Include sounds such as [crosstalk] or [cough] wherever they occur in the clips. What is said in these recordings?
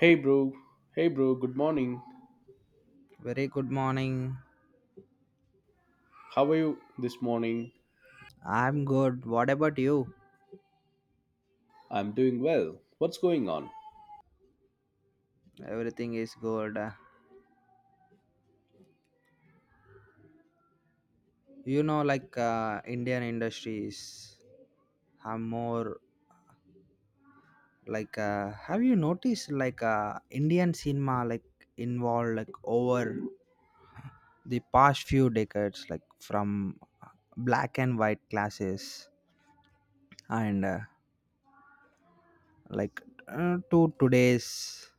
Hey bro, hey bro, good morning. Very good morning. How are you this morning? I'm good. What about you? I'm doing well. What's going on? Everything is good. Indian industries have more. Have you noticed Indian cinema involved like over the past few decades, like from black and white classes and like to today's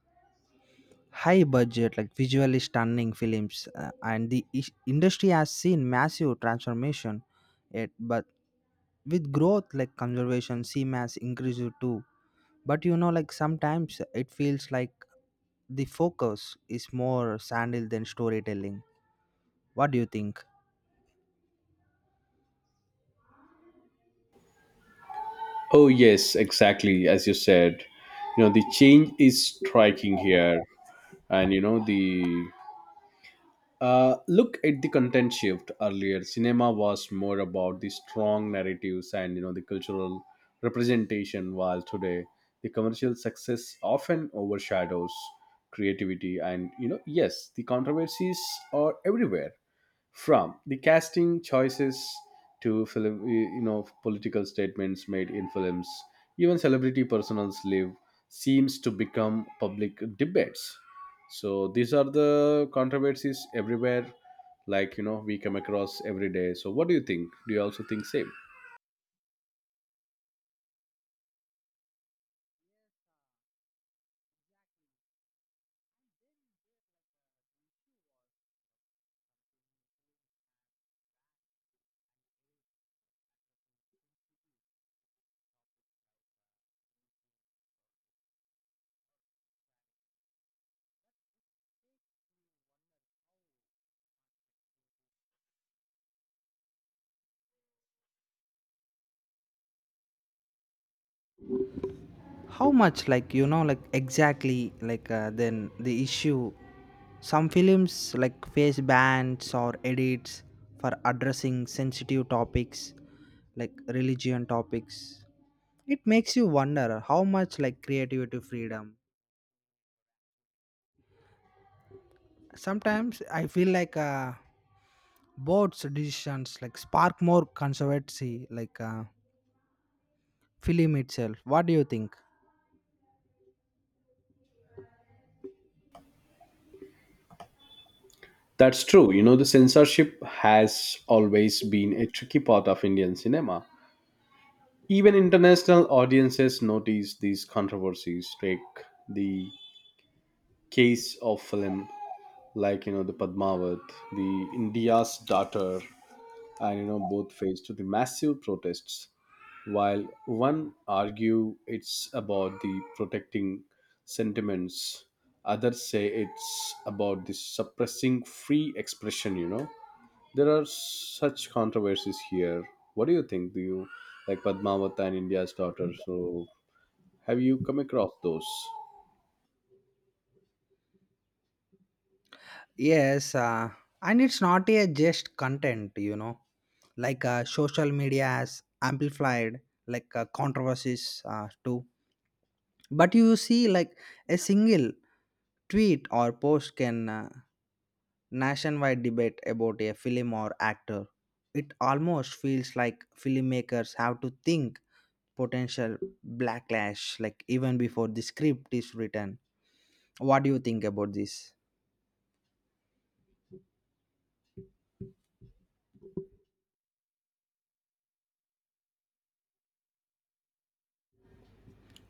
high budget, like visually stunning films, and the industry has seen massive transformation, yet but with growth like conservation cmas increases too. But you know, like sometimes it feels like the focus is more sandal than storytelling. What do you think? Oh, yes, exactly. As you said, you know, the change is striking here. And, you know, the look at the content shift. Earlier, cinema was more about the strong narratives and, you know, the cultural representation, while today the commercial success often overshadows creativity. And, you know, yes, the controversies are everywhere, from the casting choices to film, you know, political statements made in films. Even celebrity personals live seems to become public debates, so these are the controversies everywhere, like, you know, we come across every day. So what do you think? Do you also think same? How much, like, exactly, then the issue? Some films, like, face bans or edits for addressing sensitive topics, like religion topics. It makes you wonder how much, like, creativity freedom. Sometimes I feel like board's decisions, like, spark more controversy, like, film itself. What do you think? That's true, you know, the censorship has always been a tricky part of Indian cinema. Even international audiences notice these controversies. Take the case of film, like, you know, the Padmavat, the India's daughter, and, you know, both faced the massive protests. While one argue it's about the protecting sentiments, others say it's about the suppressing free expression. You know, there are such controversies here. What do you think? Do you like Padmavat and India's daughter? So have you come across those? Yes, uh, and it's not a just content, you know, social media has amplified controversies too. But you see, like a single tweet or post can, nationwide debate about a film or actor. It almost feels like filmmakers have to think potential backlash, like even before the script is written. What do you think about this?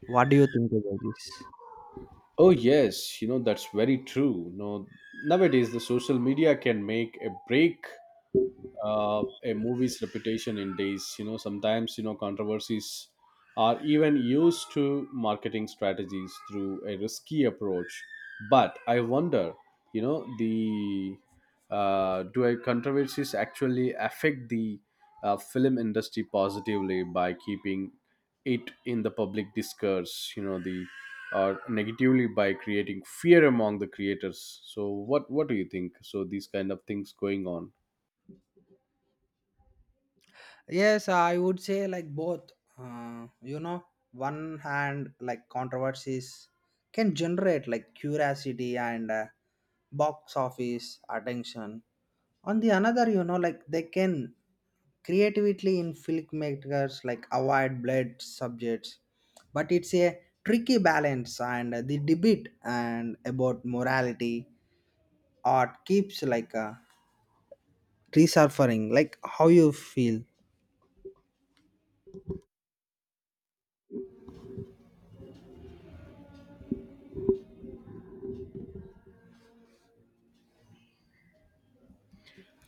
What do you think about this? Oh yes, you know that's very true. No, nowadays the social media can make a break a movie's reputation in days. You know, sometimes, you know, controversies are even used to marketing strategies through a risky approach. But I wonder, you know, the do a controversies actually affect the film industry positively by keeping it in the public discourse? You know, the or negatively by creating fear among the creators? So what do you think? So these kind of things going on. Yes, I would say like both. You know, one hand like controversies can generate like curiosity and, box office attention. On the another, you know, like they can creatively in filmmakers like avoid blood subjects, but it's a tricky balance, and the debate and about morality art keeps resurfacing. Like how you feel.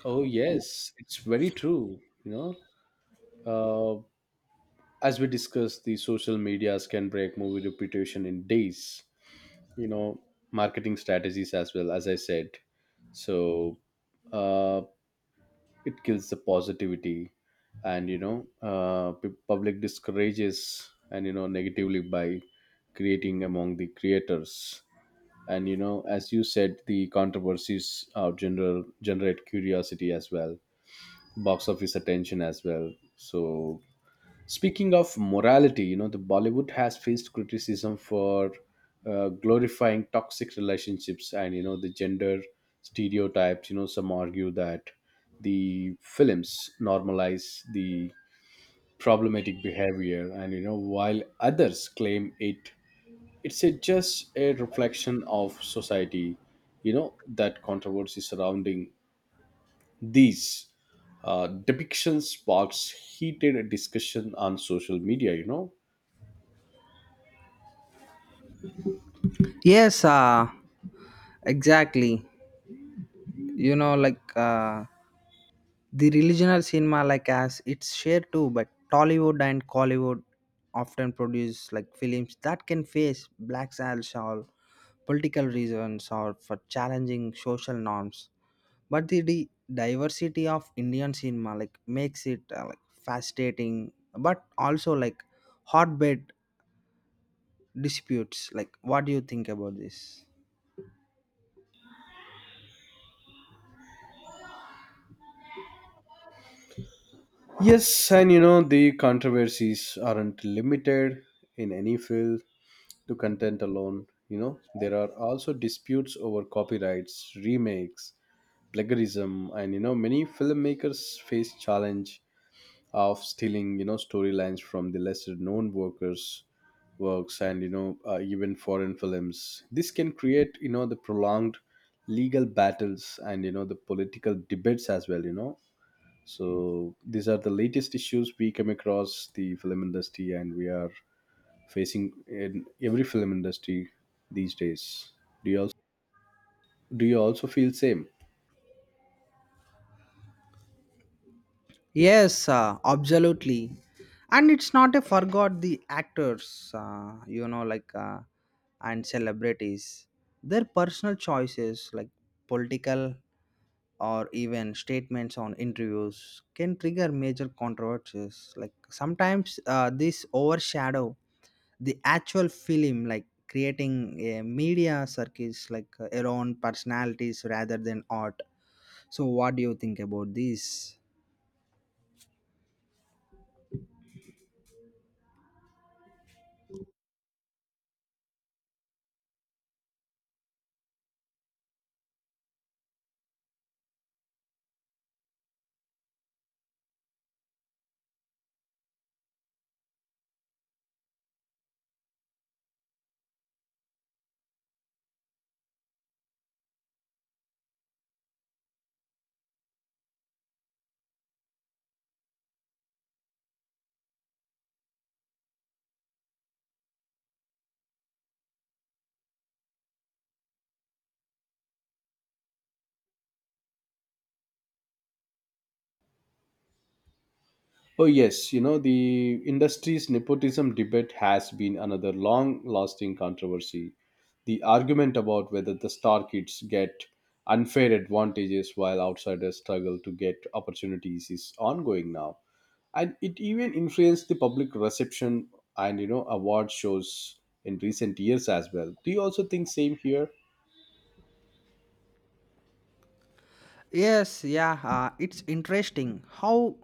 Oh, yes, it's very true. You know, as we discussed, the social medias can break movie reputation in days. You know, marketing strategies as well, as I said. So uh, it kills the positivity, and, you know, public discourages, and you know, negatively by creating among the creators. And you know, as you said, the controversies general generate curiosity as well, box office attention as well. So speaking of morality, you know, the Bollywood has faced criticism for glorifying toxic relationships and, you know, the gender stereotypes. You know, some argue that the films normalize the problematic behavior, and you know, while others claim it just a reflection of society. You know, that controversy surrounding these depiction sparks heated discussion on social media, you know. Yes, uh, exactly. You know, the regional cinema, like as it's shared too, but Tollywood and Collywood often produce like films that can face black sales or political reasons or for challenging social norms. But the, diversity of Indian cinema like makes it, like, fascinating, but also like hotbed disputes. Like, what do you think about this? Yes, and you know, the controversies aren't limited in any field to content alone. You know, there are also disputes over copyrights, remakes, plagiarism, and you know, many filmmakers face challenge of stealing, you know, storylines from the lesser known workers works, and you know, even foreign films. This can create, you know, the prolonged legal battles and, you know, the political debates as well, you know. So these are the latest issues we come across the film industry, and we are facing in every film industry these days. do you also do you also feel same? Yes, Absolutely. And it's not a forgot the actors, you know, and celebrities, their personal choices, like political or even statements on interviews, can trigger major controversies. Like sometimes this overshadow the actual film, like creating a media circus around personalities rather than art. So, what do you think about this? Oh, yes, you know, the industry's nepotism debate has been another long lasting controversy. The argument about whether the star kids get unfair advantages while outsiders struggle to get opportunities is ongoing now. And it even influenced the public reception and, you know, award shows in recent years as well. Do you also think same here? Yes, yeah, it's interesting how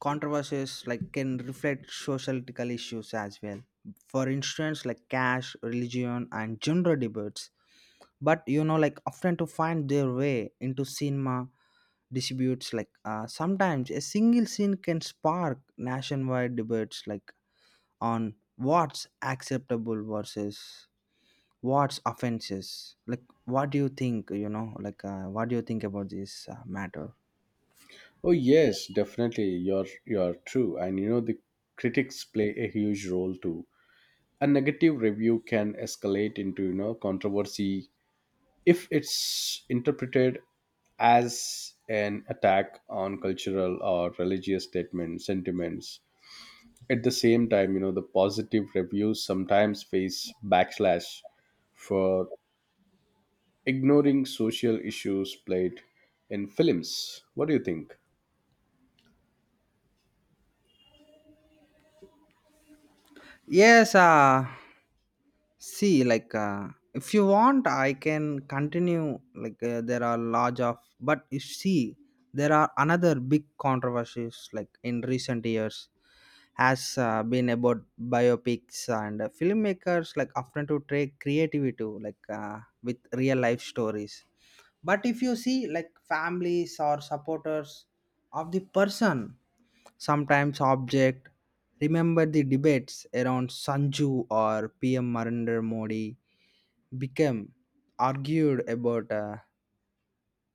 controversies like can reflect societal issues as well. For instance, like cash, religion, and gender debates. But you know, like often to find their way into cinema disputes. Sometimes a single scene can spark nationwide debates, like on what's acceptable versus what's offenses. Like, what do you think? You know, what do you think about this matter? Oh yes, definitely. You're true, and you know, the critics play a huge role too. A negative review can escalate into, you know, controversy if it's interpreted as an attack on cultural or religious statements sentiments. At the same time, you know, the positive reviews sometimes face backlash for ignoring social issues played in films. What do you think? Yes, uh, See, if you want, I can continue. There are large of, but you see, there are another big controversies, like, in recent years, has been about biopics and, filmmakers, like, often to take creativity, like, with real life stories. But if you see, like, families or supporters of the person sometimes object. Remember the debates around Sanju or PM Narendra Modi became argued about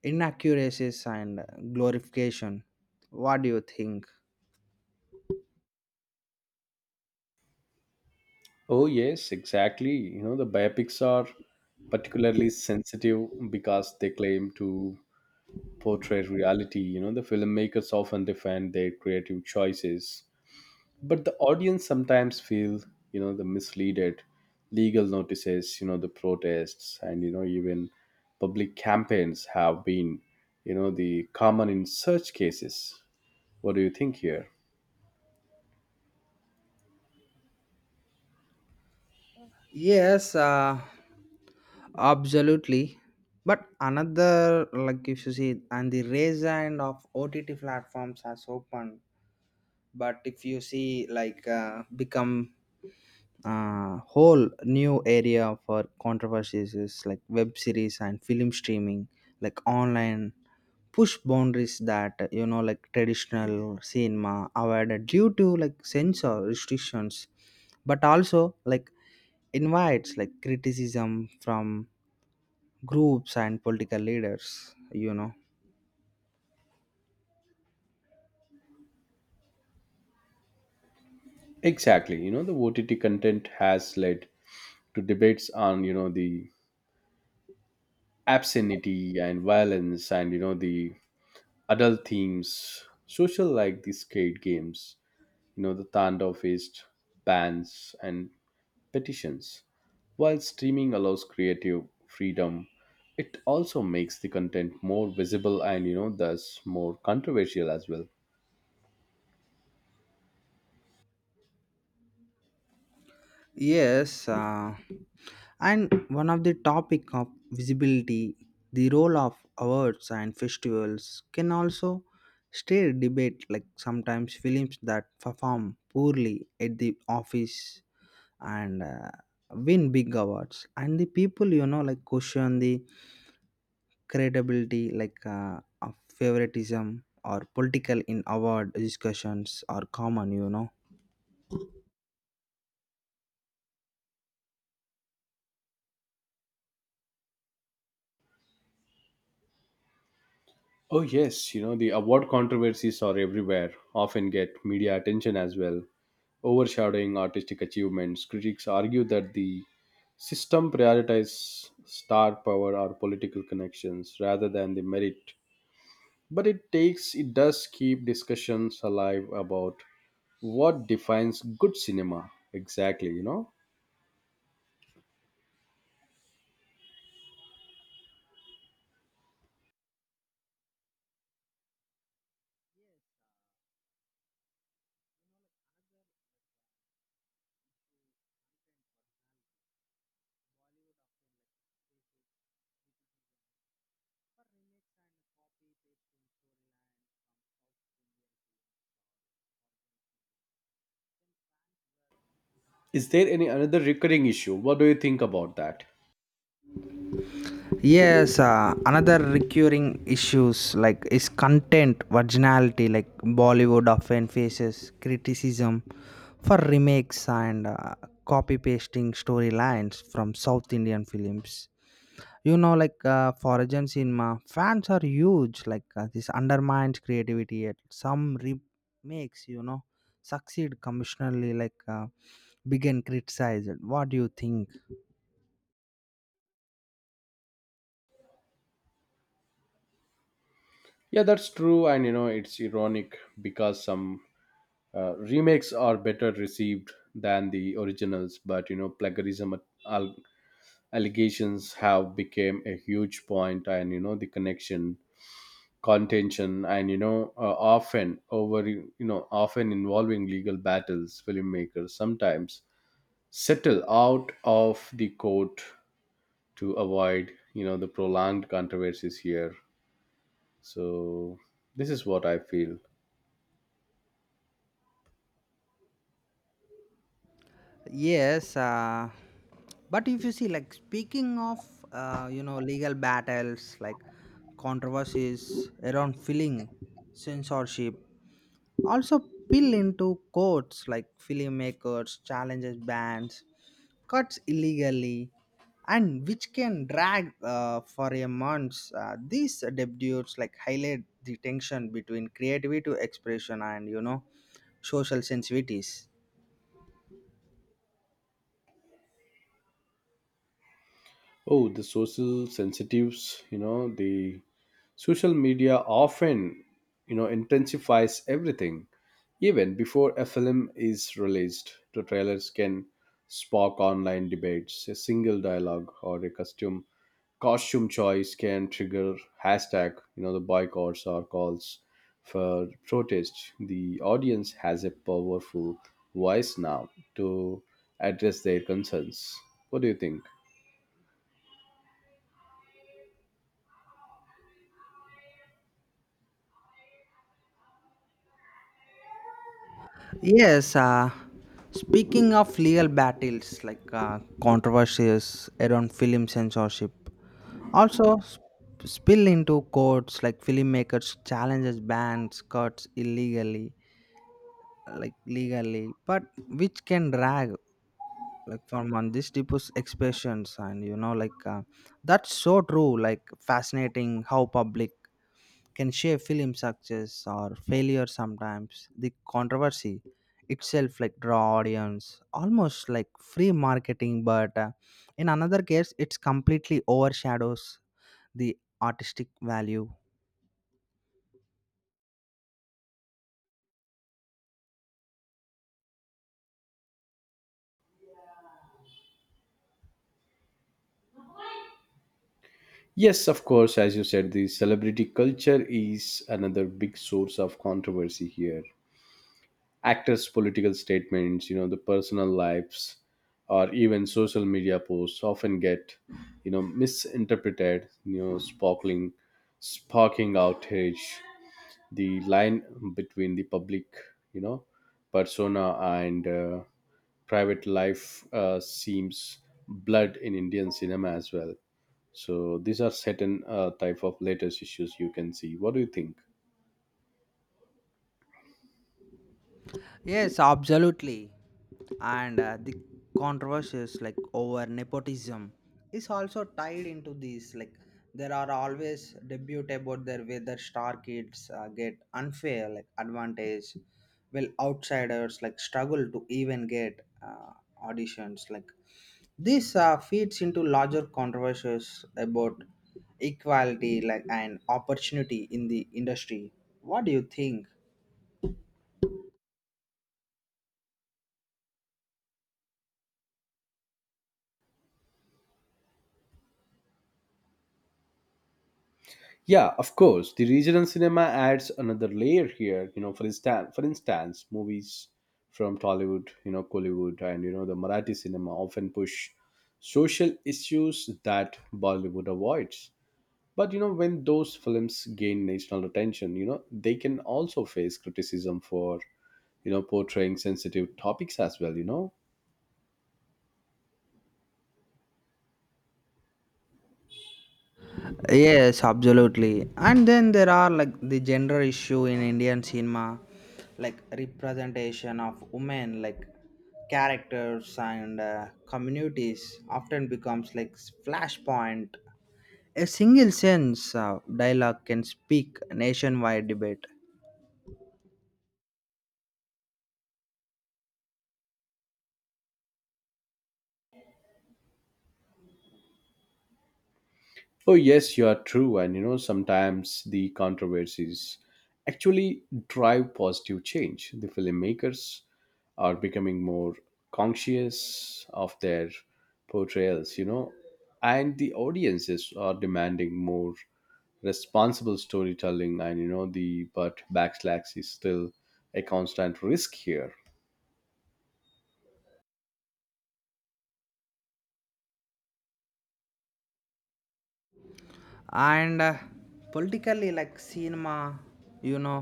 inaccuracies and glorification. What do you think? Oh yes, exactly, you know, the biopics are particularly sensitive because they claim to portray reality. You know, the filmmakers often defend their creative choices, but the audience sometimes feel, you know, the misleaded legal notices, you know, the protests, and, you know, even public campaigns have been, you know, the common in such cases. What do you think here? Yes, uh, Absolutely. But another, like if you see, and the raise hand of OTT platforms has opened. But if you see, become whole new area for controversies is like web series and film streaming, like online push boundaries that you know like traditional cinema avoided due to like censor restrictions, but also like invites like criticism from groups and political leaders, you know. Exactly. You know, the OTT content has led to debates on, you know, the obscenity and violence and, you know, the adult themes, social like the skate games, you know, the Tandav faced bans and petitions. While streaming allows creative freedom, it also makes the content more visible and, you know, thus more controversial as well. yes uh, and one of the topic of visibility, the role of awards and festivals can also stir debate, like sometimes films that perform poorly at the office and, win big awards, and the people, you know, like question the credibility, of favoritism or political in award discussions are common, you know. Oh, yes, you know, the award controversies are everywhere, often get media attention as well. Overshadowing artistic achievements, critics argue that the system prioritizes star power or political connections rather than the merit, but it takes it does keep discussions alive about what defines good cinema exactly, you know. Is there any another recurring issue? What do you think about that? Yes Another recurring issues like is content virginality. Like Bollywood often faces criticism for remakes and, copy pasting storylines from south Indian films, you know, for asian cinema fans are huge, this undermines creativity, yet some remakes, you know, succeed commercially, begin criticized. What do you think? Yeah, that's true, and you know it's ironic because some remakes are better received than the originals. But you know, plagiarism al- allegations have become a huge point, and you know, the connection contention, and you know, often over, you know, often involving legal battles. Filmmakers sometimes settle out of the court to avoid, you know, the prolonged controversies here. So this is what I feel. Yes, uh, but if you see, like speaking of, you know, legal battles, like controversies around filling censorship, also spill into courts, like filmmakers challenges bans, cuts illegally, and which can drag for a months. These debuts like highlight the tension between creativity to expression and you know social sensitivities. Oh, the social sensitives, you know, the social media often, you know, intensifies everything. Even before a film is released, the trailers can spark online debates. A single dialogue or a costume choice can trigger hashtag, you know, the boycotts or calls for protest. The audience has a powerful voice now to address their concerns. What do you think? Yes, uh, Speaking of legal battles, controversies around film censorship, also spill into courts like filmmakers challenges bans cuts illegally, like legally, but which can drag like for months. This deepest expressions and you know that's so true. Like fascinating how public can shape film success or failure sometimes. The controversy itself like draw audience almost like free marketing, but in another case it's completely overshadows the artistic value. Yes, of course, as you said, the celebrity culture is another big source of controversy here. Actors' political statements, you know, the personal lives, or even social media posts often get, you know, misinterpreted, you know, sparking outrage. The line between the public, you know, persona and private life seems blurred in Indian cinema as well. So these are certain type of latest issues you can see. What do you think? Yes, absolutely. And the controversies like over nepotism is also tied into these. Like there are always debate about their whether star kids get unfair like advantage, while outsiders like struggle to even get, auditions. Like this feeds into larger controversies about equality like and opportunity in the industry. What do you think? Yeah, of course, the regional cinema adds another layer here, you know. For instance, movies from Tollywood, you know, Kollywood, and you know, the Marathi cinema often push social issues that Bollywood avoids. But you know, when those films gain national attention, you know, they can also face criticism for, you know, portraying sensitive topics as well, you know. Yes, absolutely. And then there are like the gender issue in Indian cinema, like representation of women, like characters and, communities often becomes like flashpoint. A single sense of dialogue can speak nationwide debate. Oh, yes, you are true. And you know, sometimes the controversies actually drive positive change. The filmmakers are becoming more conscious of their portrayals, you know, and the audiences are demanding more responsible storytelling. And you know, the but backslash is still a constant risk here. And politically like cinema, you know,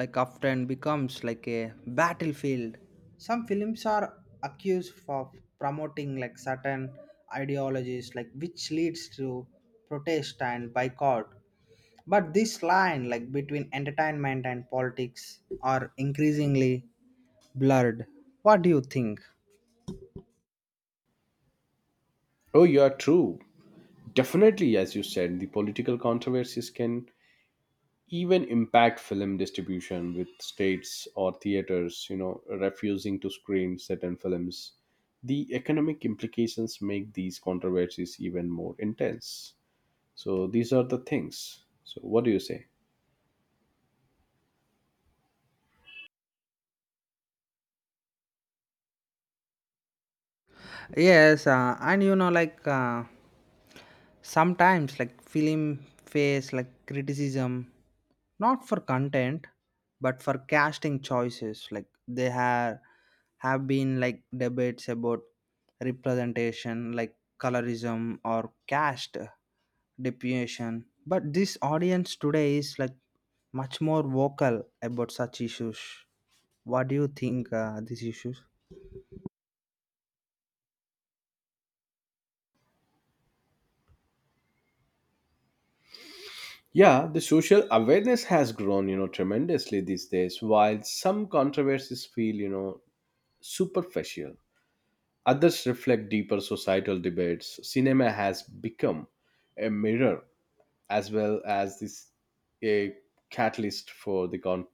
like often becomes like a battlefield. Some films are accused of promoting like certain ideologies, like which leads to protest and boycott, but this line like between entertainment and politics are increasingly blurred. What do you think? Oh, you are true. Definitely, as you said, the political controversies can even impact film distribution, with states or theaters, you know, refusing to screen certain films. The economic implications make these controversies even more intense. So these are the things, so what do you say? Yes, and you know, sometimes, like film face like criticism, not for content, but for casting choices. Like they have been like debates about representation, like colorism or caste deputation. But this audience today is like much more vocal about such issues. What do you think these issues? Yeah, the social awareness has grown, you know, tremendously these days. While some controversies feel, you know, superficial, others reflect deeper societal debates. Cinema has become a mirror as well as this a catalyst for the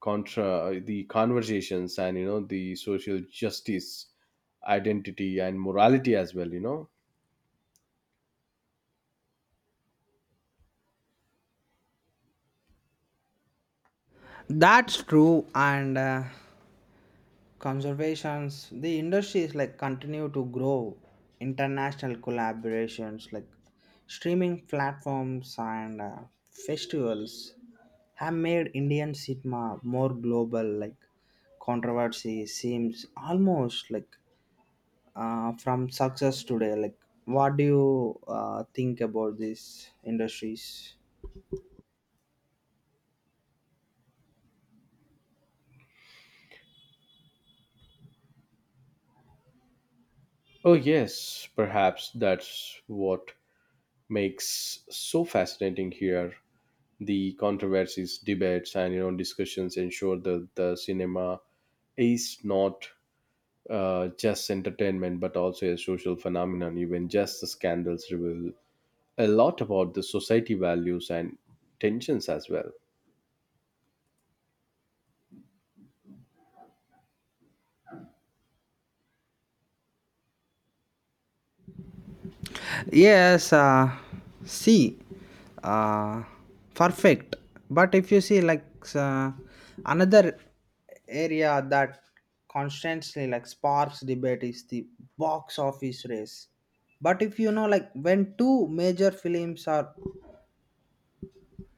contra the conversations and, you know, the social justice, identity, and morality as well, you know. That's true, and conservations the industries like continue to grow, international collaborations like streaming platforms and, festivals have made Indian cinema more global, like controversy seems almost like from success today. Like what do you think about these industries? Oh yes, perhaps that's what makes so fascinating here. The controversies, debates, and you know, discussions ensure that the cinema is not just entertainment but also a social phenomenon. Even just the scandals reveal a lot about the society values and tensions as well. Yes, uh, See, uh, perfect. But if you see uh, another area that constantly like sparks debate is the box office race. But if you know like when two major films are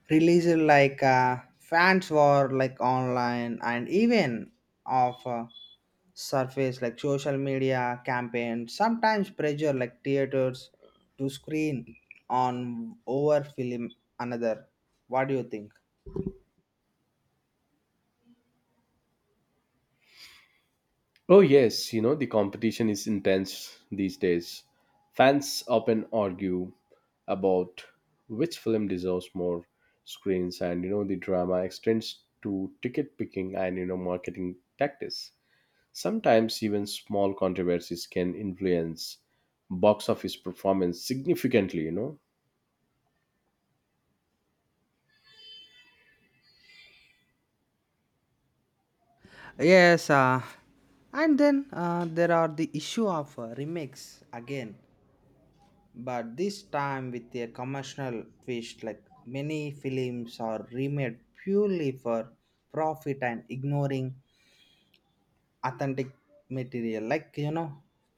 released, fans were like online and even of. Surface like social media campaigns sometimes pressure like theaters to screen on over film another. What do you think? Oh, yes, you know, the competition is intense these days. Fans often argue about which film deserves more screens, and you know, the drama extends to ticket picking and, you know, marketing tactics. Sometimes, even small controversies can influence box office performance significantly, you know. Yes, uh, and then there are the issue of remakes again, but this time with a commercial twist, like many films are remade purely for profit and ignoring authentic material, like you know,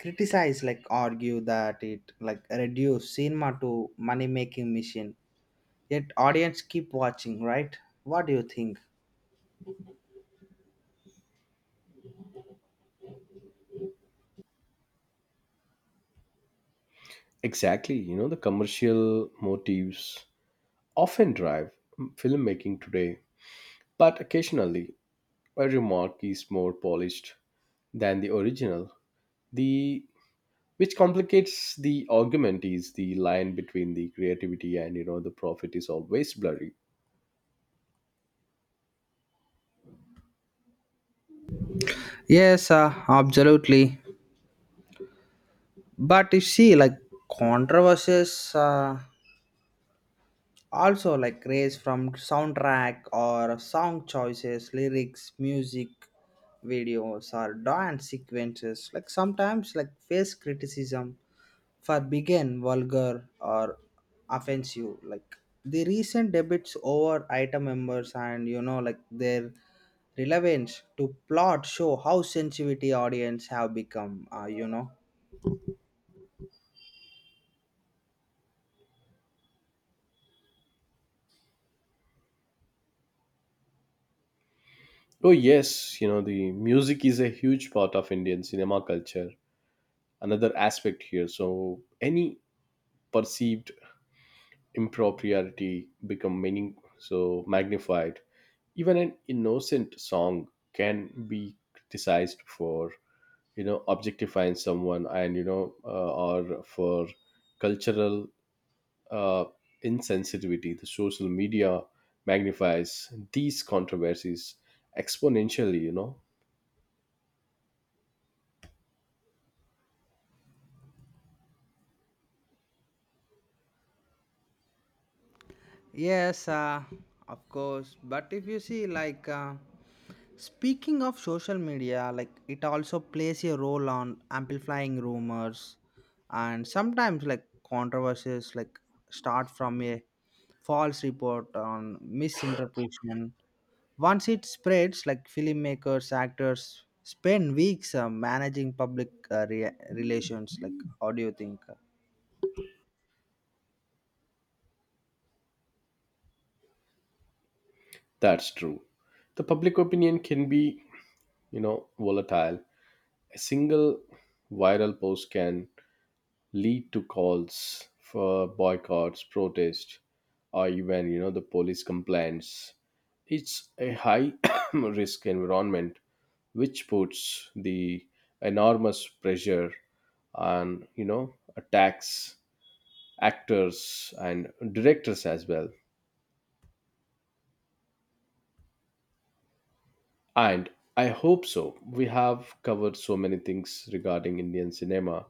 criticize like argue that it like reduce cinema to money making machine, yet audience keep watching, right? What do you think? Exactly, you know, the commercial motives often drive filmmaking today, but occasionally a remark is more polished than the original. The which complicates the argument is the line between the creativity and, you know, the profit is always blurry. Yes, Absolutely. But you see, like controversies, also like raise from soundtrack or song choices, lyrics, music, videos, or dance sequences. Like sometimes, like face criticism for begin vulgar or offensive, like the recent debates over item members, and you know like their relevance to plot show how sensitivity audience have become, you know. Oh yes, you know, the music is a huge part of Indian cinema culture. Another aspect here. So any perceived impropriety become meaning so magnified. Even an innocent song can be criticized for, you know, objectifying someone, and you know, or for cultural uh, insensitivity. The social media magnifies these controversies exponentially, you know. yes uh, of course, but if you see speaking of social media, like it also plays a role on amplifying rumors, and sometimes like controversies like start from a false report on misinterpretation. Once it spreads, like filmmakers, actors spend weeks managing public, relations. Like, how do you think? That's true. The public opinion can be, you know, volatile. A single viral post can lead to calls for boycotts, protests, or even, you know, the police complaints. It's a high [coughs] risk environment, which puts the enormous pressure on, you know, attacks, actors, and directors as well. And I hope so, we have covered so many things regarding Indian cinema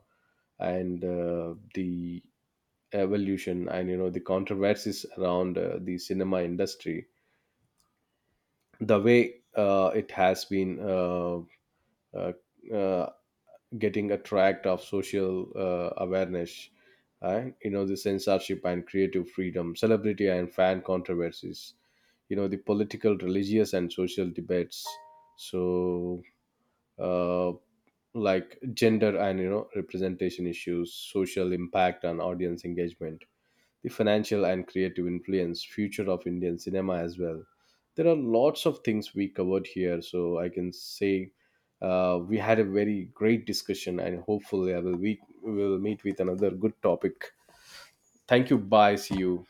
and the evolution and, you know, the controversies around the cinema industry, the way it has been uh, uh, getting a tract of social awareness, and you know, the censorship and creative freedom, celebrity and fan controversies, you know, the political, religious, and social debates. So uh, like gender and, you know, representation issues, social impact and audience engagement, the financial and creative influence, future of Indian cinema as well. There are lots of things we covered here, so I can say we had a very great discussion, and hopefully, I will we will meet with another good topic. Thank you. Bye. See you.